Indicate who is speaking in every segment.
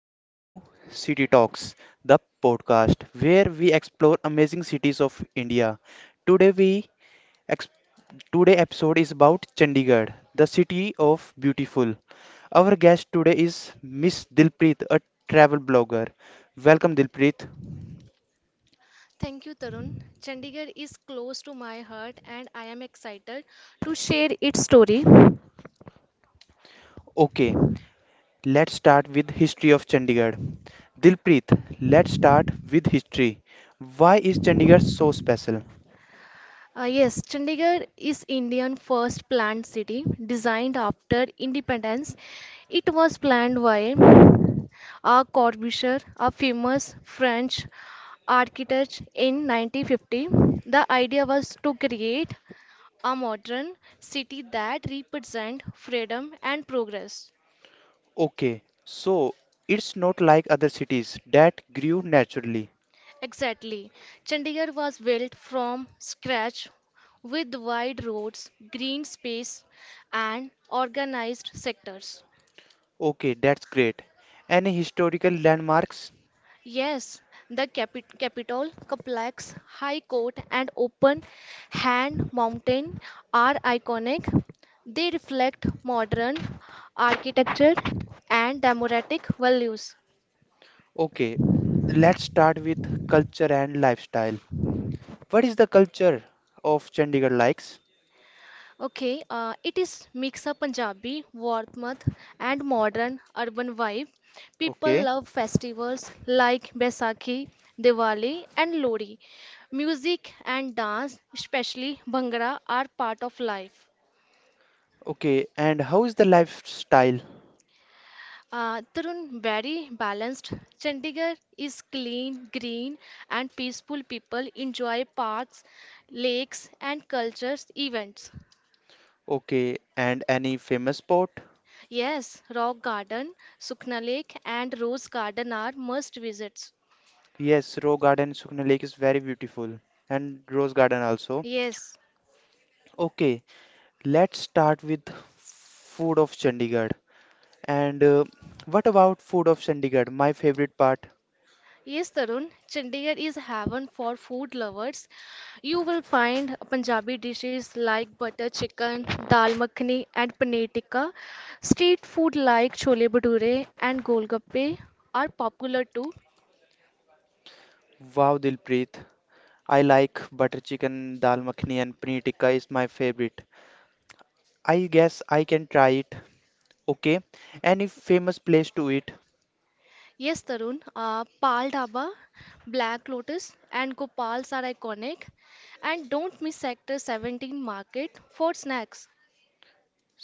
Speaker 1: welcome to City Talks, the podcast where we explore amazing cities of India. Today we ex- today episode is about Chandigarh, the city of beautiful. Our guest today is Miss Dilpreet, a travel blogger. Welcome Dilpreet.
Speaker 2: Thank you, Tarun. Chandigarh is close to my heart and I am excited to share its story.
Speaker 1: Okay, let's start with history of Chandigarh. Dilpreet, let's start with history. Why is Chandigarh so special?
Speaker 2: Yes, Chandigarh is Indian first planned city designed after independence. It was planned by R. Corbusier, a famous French architect in 1950. The idea was to create a modern city that represents freedom and progress.
Speaker 1: Okay, so it's not like other cities that grew naturally.
Speaker 2: Exactly. Chandigarh was built from scratch with wide roads, green space, and organized sectors.
Speaker 1: Okay, that's great. Any historical landmarks?
Speaker 2: Yes, the Capitol complex, High Court, and open hand mountain are iconic. They reflect modern architecture and democratic values.
Speaker 1: Okay, let's start with culture and lifestyle. What is the culture of Chandigarh likes?
Speaker 2: Okay, it is mix of Punjabi, Warmth and modern urban vibe. People
Speaker 1: Okay,
Speaker 2: love festivals like Baisakhi, Diwali and Lodi. Music and dance, especially Bhangra, are part of life.
Speaker 1: okay, and how is the lifestyle?
Speaker 2: Tarun, very balanced. Chandigarh is clean, green, and peaceful. People enjoy parks, lakes, and cultures events.
Speaker 1: Okay, and any famous spot?
Speaker 2: Yes, Rock Garden, Sukhna Lake, and Rose Garden are must visits.
Speaker 1: Yes, Rose Garden, Sukhna Lake is very beautiful, and Rose Garden also.
Speaker 2: Yes,
Speaker 1: Okay, let's start with food of Chandigarh. And what about food of Chandigarh? My favorite part.
Speaker 2: yes, Tarun, Chandigarh is heaven for food lovers. You will find Punjabi dishes like butter chicken, dal makhani, and paneer tikka. Street food like chole bhature and golgappe are popular too.
Speaker 1: Wow, Dilpreet. I like butter chicken, dal makhani, and paneer tikka is my favorite. I guess I can try it. Okay. Any famous place to eat?
Speaker 2: Yes, Tarun, Pal Dhaba, Black Lotus, and Gopal's are iconic. And don't miss Sector 17 Market for snacks.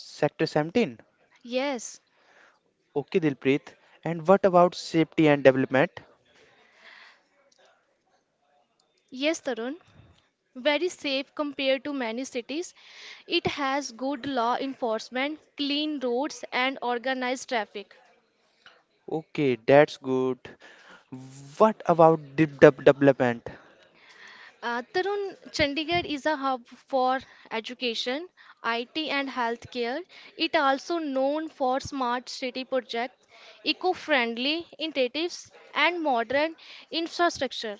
Speaker 1: Sector 17.
Speaker 2: Yes,
Speaker 1: Okay, Dilpreet. And what about safety and development?
Speaker 2: yes, Tarun. Very safe compared to many cities. It has good law enforcement, clean roads, and organized traffic.
Speaker 1: Okay, that's good. What about development?
Speaker 2: Tarun, Chandigarh is a hub for education, IT, and healthcare. It also known for smart city projects, eco-friendly initiatives, and modern infrastructure.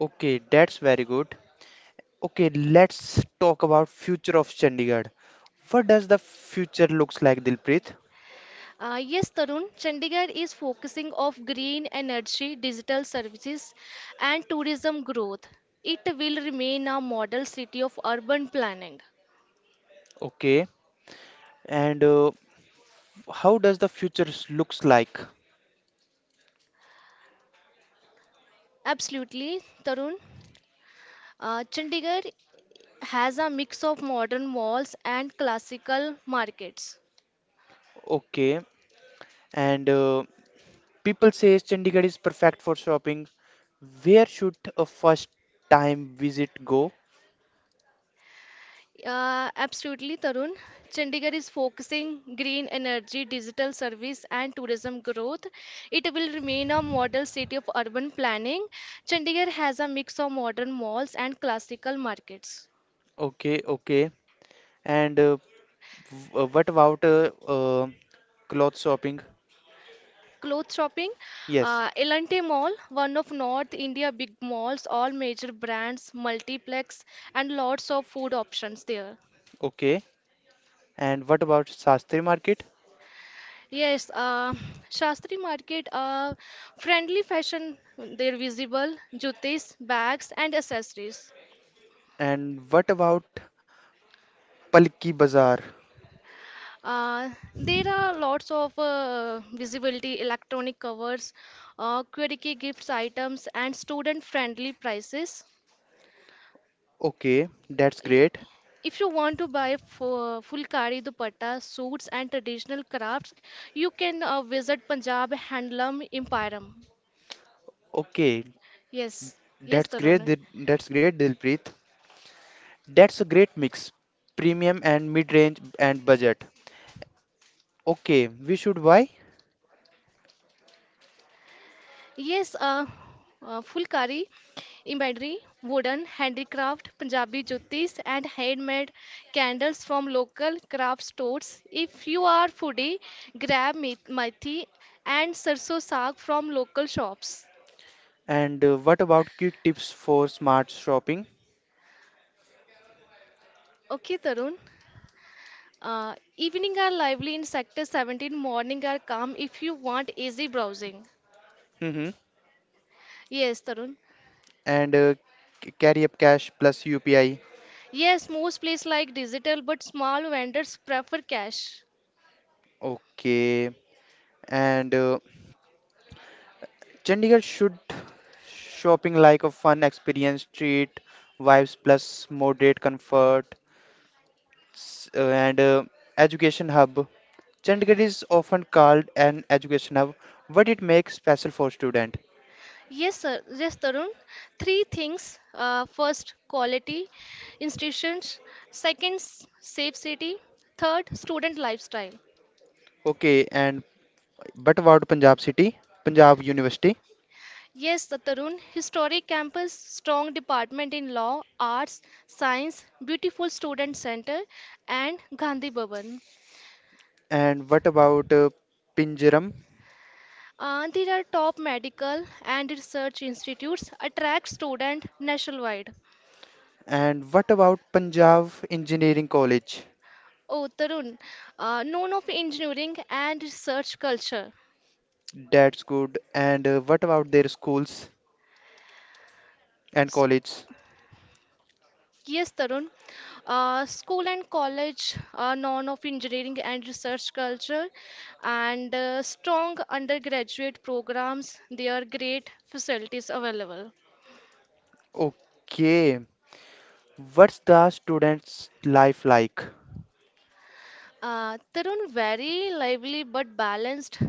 Speaker 1: Okay, that's very good. Okay, let's talk about future of Chandigarh. What does the future looks like, Dilpreet?
Speaker 2: Yes, Tarun, Chandigarh is focusing of green energy, digital services, and tourism growth. It will remain a model city of urban planning.
Speaker 1: Okay, and how does looks like?
Speaker 2: Absolutely, Tarun. Chandigarh has a mix of modern malls and classical markets.
Speaker 1: Okay, and people say Chandigarh is perfect for shopping. Where should a first time visit go?
Speaker 2: Absolutely, Tarun. Chandigarh is focusing green energy, digital service, and tourism growth. It will remain a model city of urban planning. Chandigarh has a mix of modern malls and classical markets.
Speaker 1: Okay, and what about cloth shopping?
Speaker 2: Clothes shopping,
Speaker 1: Yes,
Speaker 2: Elante Mall, one of North India big malls, all major brands, multiplex, and lots of food options there.
Speaker 1: okay, and what about Sastri Market?
Speaker 2: Yes, Shastri Market, friendly fashion, they're visible, jutis, bags, and accessories.
Speaker 1: And what about Palki Bazaar?
Speaker 2: Uh, there are lots of visibility, electronic covers, quirky gifts items, and student-friendly prices.
Speaker 1: Okay, that's
Speaker 2: Y-
Speaker 1: great.
Speaker 2: If you want to buy fulkari dupatta, suits, and traditional crafts, you can visit Punjab Handloom Emporium.
Speaker 1: Okay,
Speaker 2: Yes, yes,
Speaker 1: that's great.
Speaker 2: Tarun.
Speaker 1: That's great, Dilpreet. That's a great mix, premium and mid-range and budget. Okay, we should buy.
Speaker 2: Yes, fulkari, embroidery, wooden handicraft, Punjabi jutis, and handmade candles from local craft stores. If you are foodie, grab methi and sarso saag from local shops.
Speaker 1: And what about quick tips for smart shopping?
Speaker 2: Okay, Tarun. Evening are lively in Sector 17, morning are calm if you want easy browsing.
Speaker 1: Mm-hmm.
Speaker 2: Yes, Tarun.
Speaker 1: And carry up cash plus UPI.
Speaker 2: Yes, most places like digital, but small vendors prefer cash.
Speaker 1: Okay. And Chandigarh should shopping like a fun experience, treat vibes plus moderate comfort s- and education hub. Chandigarh is often called an education hub, but it makes special for student.
Speaker 2: Yes, sir. Yes, Tarun. Three things. First, quality institutions. Second, safe city. Third, student lifestyle.
Speaker 1: Okay, and but about Punjab City, Punjab University,
Speaker 2: Yes, the Tarun. Historic campus, strong department in law, arts, science, beautiful student center, and Gandhi Bhavan.
Speaker 1: and what about Pinjaram,
Speaker 2: There are top medical and research institutes attract student nationwide.
Speaker 1: and what about Punjab Engineering College?
Speaker 2: Oh, Tarun, known of engineering and research culture.
Speaker 1: That's good. And what about their schools and colleges?
Speaker 2: Yes, Tarun. School and college are known of engineering and research culture and strong undergraduate programs. There are great facilities available.
Speaker 1: Okay, what's the students' life like?
Speaker 2: Tarun, very lively but balanced.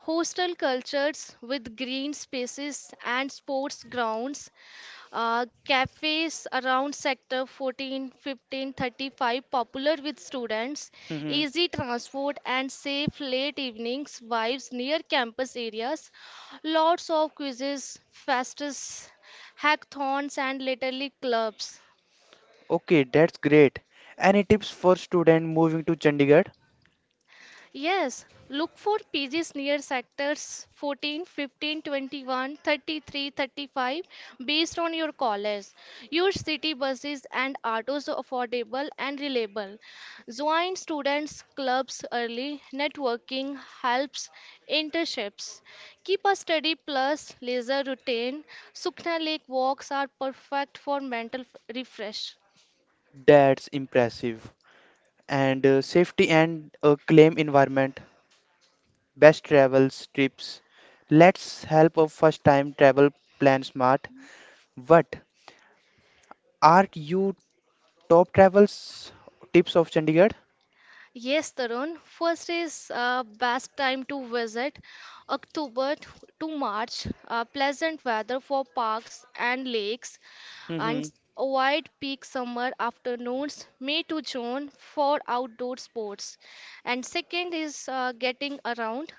Speaker 2: Hostel cultures with green spaces and sports grounds. Cafes around sector 14, 15, 35 popular with students.
Speaker 1: Hmm.
Speaker 2: Easy transport and safe late evenings vibes near campus areas. Lots of quizzes, fastest hackathons and literally clubs.
Speaker 1: Okay, that's great. Any tips for student moving to Chandigarh?
Speaker 2: Yes, look for pages near sectors 14, 15, 21, 33, 35 based on your college. Use city buses and autos affordable and reliable. Join students' clubs early. Networking helps internships. Keep a study plus leisure routine. Sukna Lake walks are perfect for mental refresh.
Speaker 1: That's impressive. And safety and a claim environment, best travel trips. Let's help a first time travel plan smart. What are you top travels tips of Chandigarh?
Speaker 2: Yes, Tarun. First is best time to visit October t- to March. Pleasant weather for parks and lakes,
Speaker 1: Mm-hmm.
Speaker 2: and avoid peak summer afternoons, May to June for outdoor sports. And second is getting around.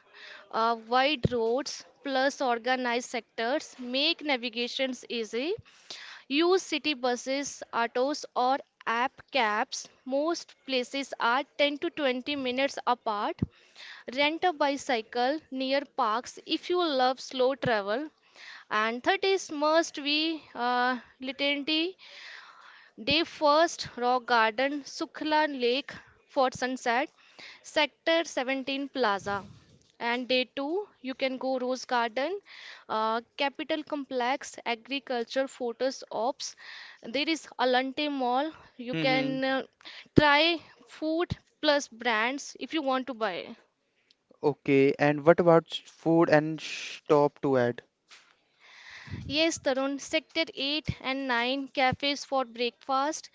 Speaker 2: Wide roads plus organized sectors make navigations easy. Use city buses, autos, or app cabs. Most places are 10 to 20 minutes apart. Rent a bicycle near parks if you love slow travel. And third is must be litany they first rock garden Sukhla Lake for sunset, Sector 17 Plaza. And day two, you can go Rose Garden, Capital Complex, Agriculture Photos Ops. There is Alante Mall. You
Speaker 1: Mm-hmm.
Speaker 2: can try food plus brands if you want to buy.
Speaker 1: Okay, and what about food and stop to add?
Speaker 2: Yes, Tarun, Sector 8 and 9 cafes for breakfast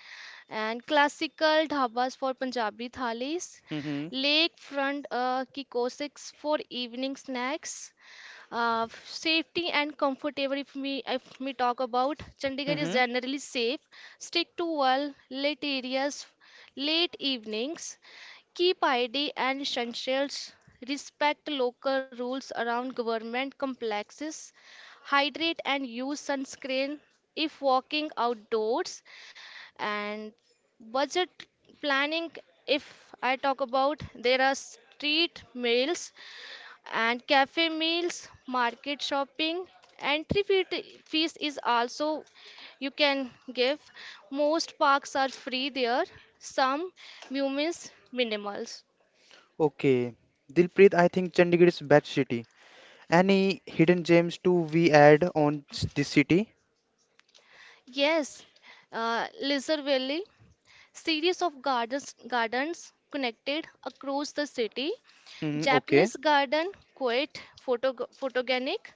Speaker 2: and classical dhabas for Punjabi thalis,
Speaker 1: Mm-hmm.
Speaker 2: lakefront kiosk for evening snacks. Safety and comfortable if we talk about Chandigarh is
Speaker 1: Mm-hmm.
Speaker 2: generally safe. Stick to well lit areas, late evenings. Keep ID and essentials. Respect local rules around government complexes, hydrate and use sunscreen if walking outdoors, and budget planning if I talk about there are street meals and cafe meals, market shopping, entry fees is also you can give. Most parks are free there, some mumis minimals.
Speaker 1: Okay. Dilpreet, I think Chandigarh is best city. Any hidden gems to we add on this city?
Speaker 2: Yes, lizard valley, series of gardens connected across the city.
Speaker 1: Mm-hmm. Okay.
Speaker 2: Japanese garden, quite photogenic,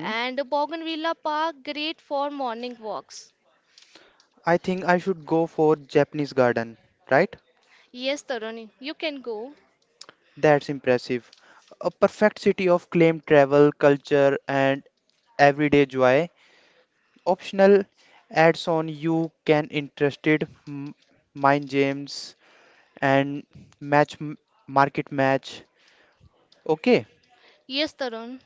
Speaker 2: and Bougainvillea Park, great for morning walks.
Speaker 1: I think I should go for Japanese garden, right?
Speaker 2: Yes, Tarun, you can go.
Speaker 1: That's impressive. A perfect city of claimed travel, culture, and everyday joy. Optional ads on you can interested mind games and match m- market match. Okay,
Speaker 2: Yes, Tarun.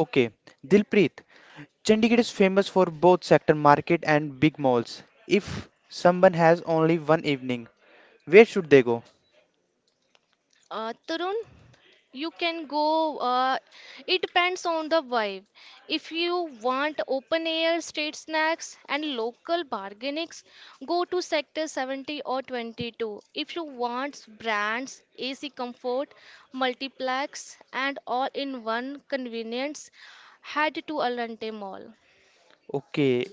Speaker 1: okay. Dilpreet, Chandigarh is famous for both sector market and big malls. If someone has only one evening, where should they go?
Speaker 2: Tarun, you can go. It depends on the vibe. If you want open air street snacks and local bargainings, go to sector 70 or 22. If you want brands, ac comfort, multiplex and all in one convenience, head to alante mall.
Speaker 1: Okay,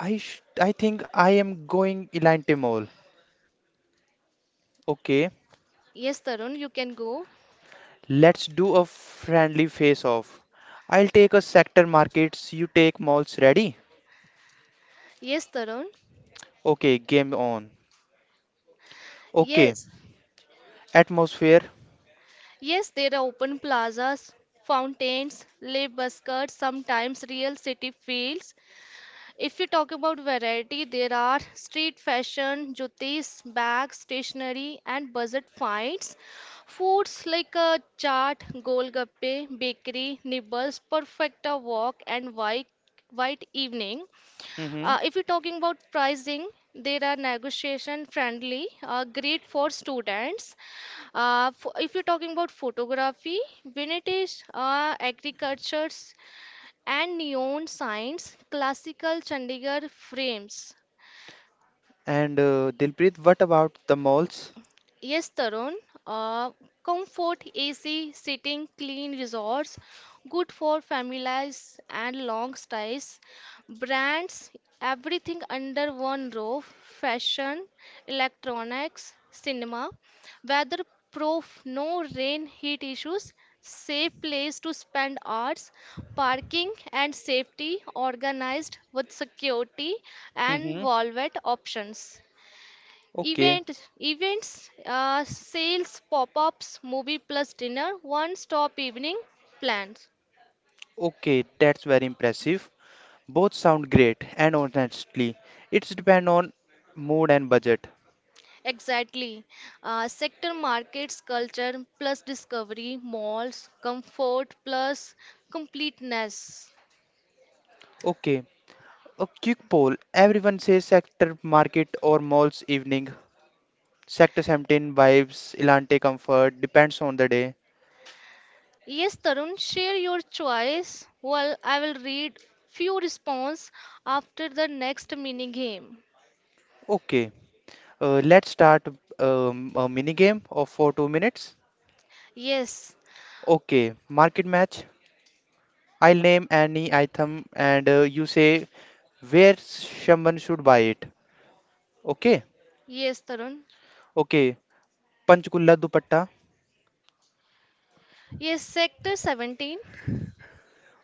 Speaker 1: I think I am going Elan Timor. Okay,
Speaker 2: Yes, tarun, you can go.
Speaker 1: let's do a friendly face off. I'll take a sector markets, you take malls. Ready?
Speaker 2: Yes, tarun.
Speaker 1: Okay, game on. Okay,
Speaker 2: Yes.
Speaker 1: atmosphere.
Speaker 2: Yes, there are open plazas, fountains, live buskers, sometimes real city fields. If we talk about variety, there are street fashion, jutis, bags, stationery, and budget finds. Foods like chaat, golgappe, bakery, nibbles, perfecta walk, and white evening.
Speaker 1: Mm-hmm.
Speaker 2: If you're talking about pricing, there are negotiation friendly, great for students. If you're talking about photography, vintage, agricultures, and neon signs, classical Chandigarh frames.
Speaker 1: And Dilpreet, what about the malls?
Speaker 2: Yes, Tarun. Uh, comfort, AC, sitting, clean resorts, good for families and long stays. Brands, everything under one roof. Fashion, electronics, cinema. Weatherproof, no rain, heat issues. Safe place to spend hours. Parking and safety organized with security and
Speaker 1: Mm-hmm.
Speaker 2: wallet options.
Speaker 1: Okay,
Speaker 2: Event, events, sales, pop-ups, movie plus dinner, one-stop evening plans.
Speaker 1: okay, that's very impressive. Both sound great, and honestly, it's depend on mood and budget.
Speaker 2: Exactly. Sector markets, culture plus discovery, malls, comfort plus completeness.
Speaker 1: Okay, a quick poll. Everyone says sector market or malls evening. Sector 17 vibes, Elante comfort, depends on the day.
Speaker 2: Yes, Tarun, share your choice. Well, I will read few response after the next mini game.
Speaker 1: Okay, let's start a mini game of for 2 minutes.
Speaker 2: Yes,
Speaker 1: Okay, market match. I'll name any item and you say where someone should buy it. Okay,
Speaker 2: yes, Tarun.
Speaker 1: okay. Panchkulla dupatta.
Speaker 2: Yes, Sector 17,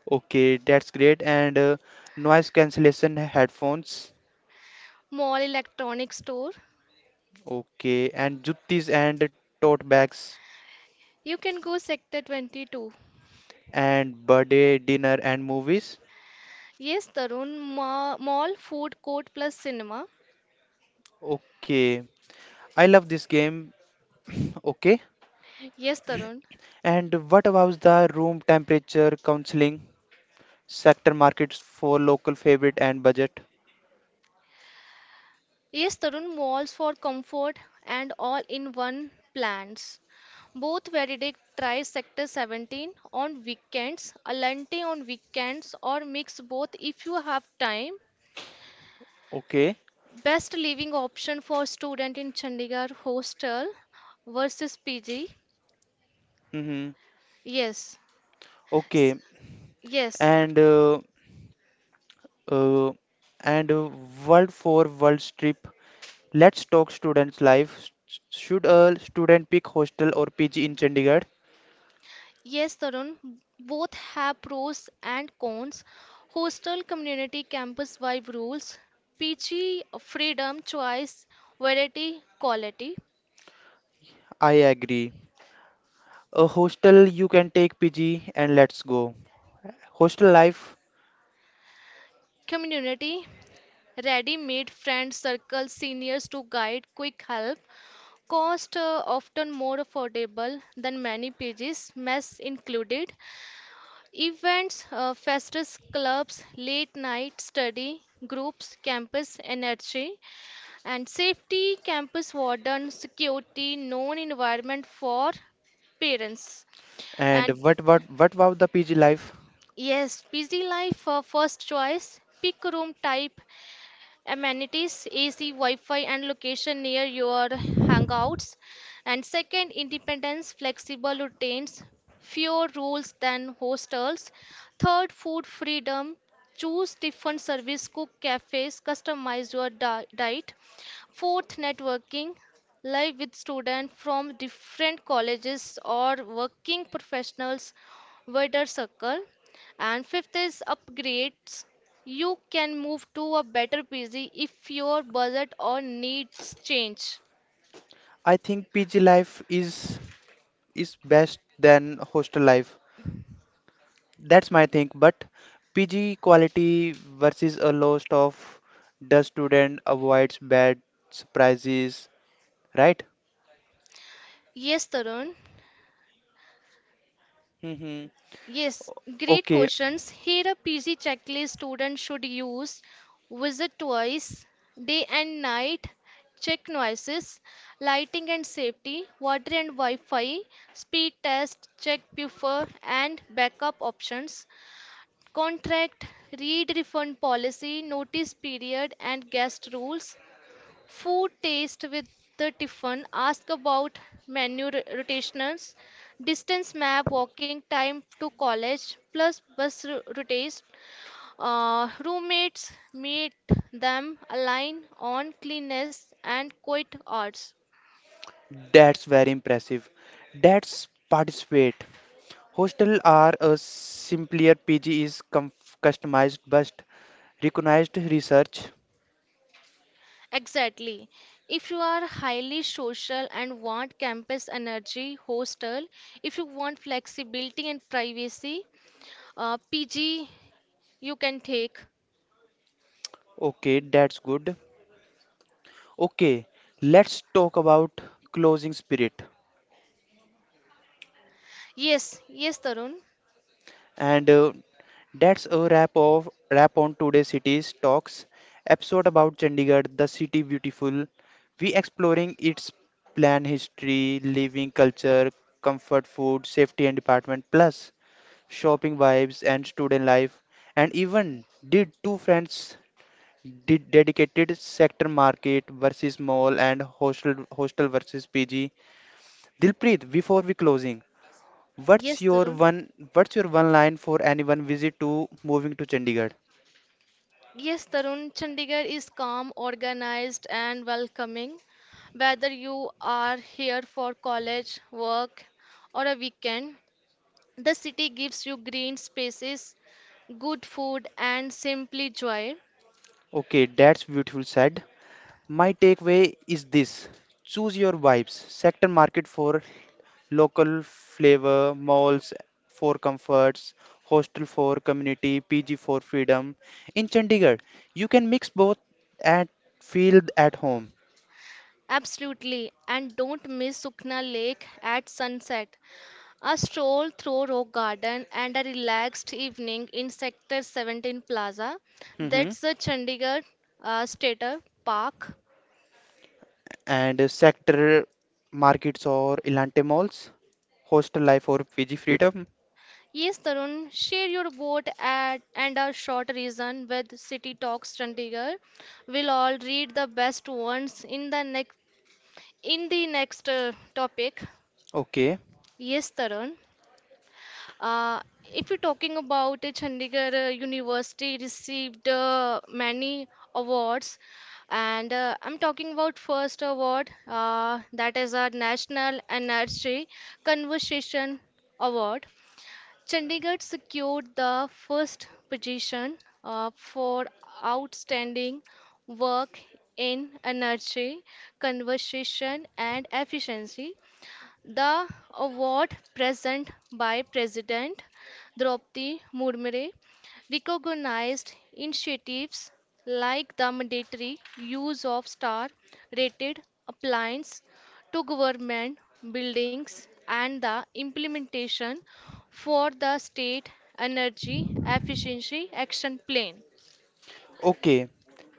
Speaker 1: Okay, that's great. And noise cancellation headphones.
Speaker 2: Mall Electronic Store.
Speaker 1: Okay, and juttis and tote bags
Speaker 2: You can go Sector 22.
Speaker 1: and birthday dinner and movies.
Speaker 2: Yes, Tarun. Mall, food court plus cinema.
Speaker 1: Okay, I love this game. Okay.
Speaker 2: Yes, Tarun.
Speaker 1: And what about the room temperature counseling, sector markets for local favorite and budget?
Speaker 2: Yes, Tarun. Malls for comfort and all in one plans. Both Veridic tries Sector 17 on weekends, Alante on weekends, or mix both if you have time.
Speaker 1: Okay.
Speaker 2: Best living option for student in Chandigarh hostel versus PG.
Speaker 1: Mm-hmm.
Speaker 2: Yes. S-
Speaker 1: Okay.
Speaker 2: Yes,
Speaker 1: And uh, and uh, world for world trip. Let's talk students' life. Should a student pick hostel or PG in Chandigarh?
Speaker 2: Yes, Tarun, both have pros and cons. Hostel community campus vibe rules, peachy freedom, choice, variety, quality.
Speaker 1: I agree. A hostel you can take PG and let's go. Hostel life
Speaker 2: Community ready made friend circle, seniors to guide, quick help. Cost often more affordable than many pages, mess included. Events, festus clubs, late night study, groups, campus energy. And safety, campus warden, security, known environment for parents.
Speaker 1: and
Speaker 2: And
Speaker 1: what about the PG life?
Speaker 2: yes, busy life. First choice, pick room type, amenities, AC, Wi-Fi, and location near your hangouts. And second, independence, flexible routines, fewer rules than hostels. Third, food freedom, choose different service, cook cafes, customize your diet. Fourth, networking, live with students from different colleges or working professionals, wider circle. And fifth is upgrades. You can move to a better PC if your budget or needs change.
Speaker 1: I think PG life is best than hostel life. That's my thing. But PG quality versus a lost of the student avoids bad surprises, right?
Speaker 2: Yes, Tarun.
Speaker 1: Mm-hmm.
Speaker 2: Yes, great
Speaker 1: Okay,
Speaker 2: questions. Here a PG checklist student should use: visit twice, day and night, check noises, lighting and safety, water and Wi-Fi, speed test, check buffer and backup options, contract, read refund policy, notice period and guest rules, food taste with the Tiffin. Ask about menu rotations, distance map, walking time to college, plus bus routes. Roommates, meet them, align on cleanliness and quiet arts.
Speaker 1: that's very impressive. That's participate. Hostel are a simpler PG is com customized but recognized research.
Speaker 2: Exactly. If you are highly social and want campus energy, hostel. If you want flexibility and privacy, PG you can take.
Speaker 1: Okay, that's good. Okay, let's talk about closing spirit.
Speaker 2: Yes, Tarun.
Speaker 1: And that's a wrap of wrap on today's cities talks episode about Chandigarh, the city beautiful. We exploring its plan history, living culture, comfort food, safety and department, plus shopping vibes and student life, and even did two friends did dedicated sector market versus mall and hostel versus PG. Dilpreet, before we closing. What's
Speaker 2: Yes,
Speaker 1: your
Speaker 2: Tarun.
Speaker 1: one what's your one line for anyone visit to moving to Chandigarh?
Speaker 2: Yes, Tarun. Chandigarh is calm, organized, and welcoming. Whether you are here for college, work, or a weekend, the city gives you green spaces, good food, and simply joy.
Speaker 1: Okay, that's beautiful said. My takeaway is this. Choose your vibes. Sector market for local flavor, malls for comforts, hostel for community, PG for freedom. In Chandigarh, you can mix both and feel at home.
Speaker 2: Absolutely. And don't miss Sukna Lake at sunset. A stroll through Rock Garden and a relaxed evening in Sector 17 Plaza.
Speaker 1: Mhm.
Speaker 2: That's the Chandigarh Stater Park.
Speaker 1: And sector markets or Elante malls, hostel life or PG freedom.
Speaker 2: Yes, Tarun, share your vote at, and a short reason with City Talks Chandigarh. We'll all read the best ones in the next topic.
Speaker 1: Okay.
Speaker 2: Yes, Tarun. Uh, if you're talking about Chandigarh University received many awards, and I'm talking about first award that is a National Energy Conversation Award. Chandigarh secured the first position for outstanding work in energy conservation and efficiency. The award present by President Draupadi Murmu recognized initiatives like the mandatory use of star-rated appliances to government buildings and the implementation for the state energy efficiency action plan.
Speaker 1: Okay.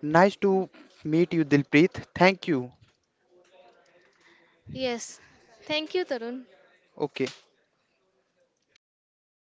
Speaker 1: Nice to meet you, Dilpreet. Thank you.
Speaker 2: Yes, thank you, Tarun.
Speaker 1: Okay.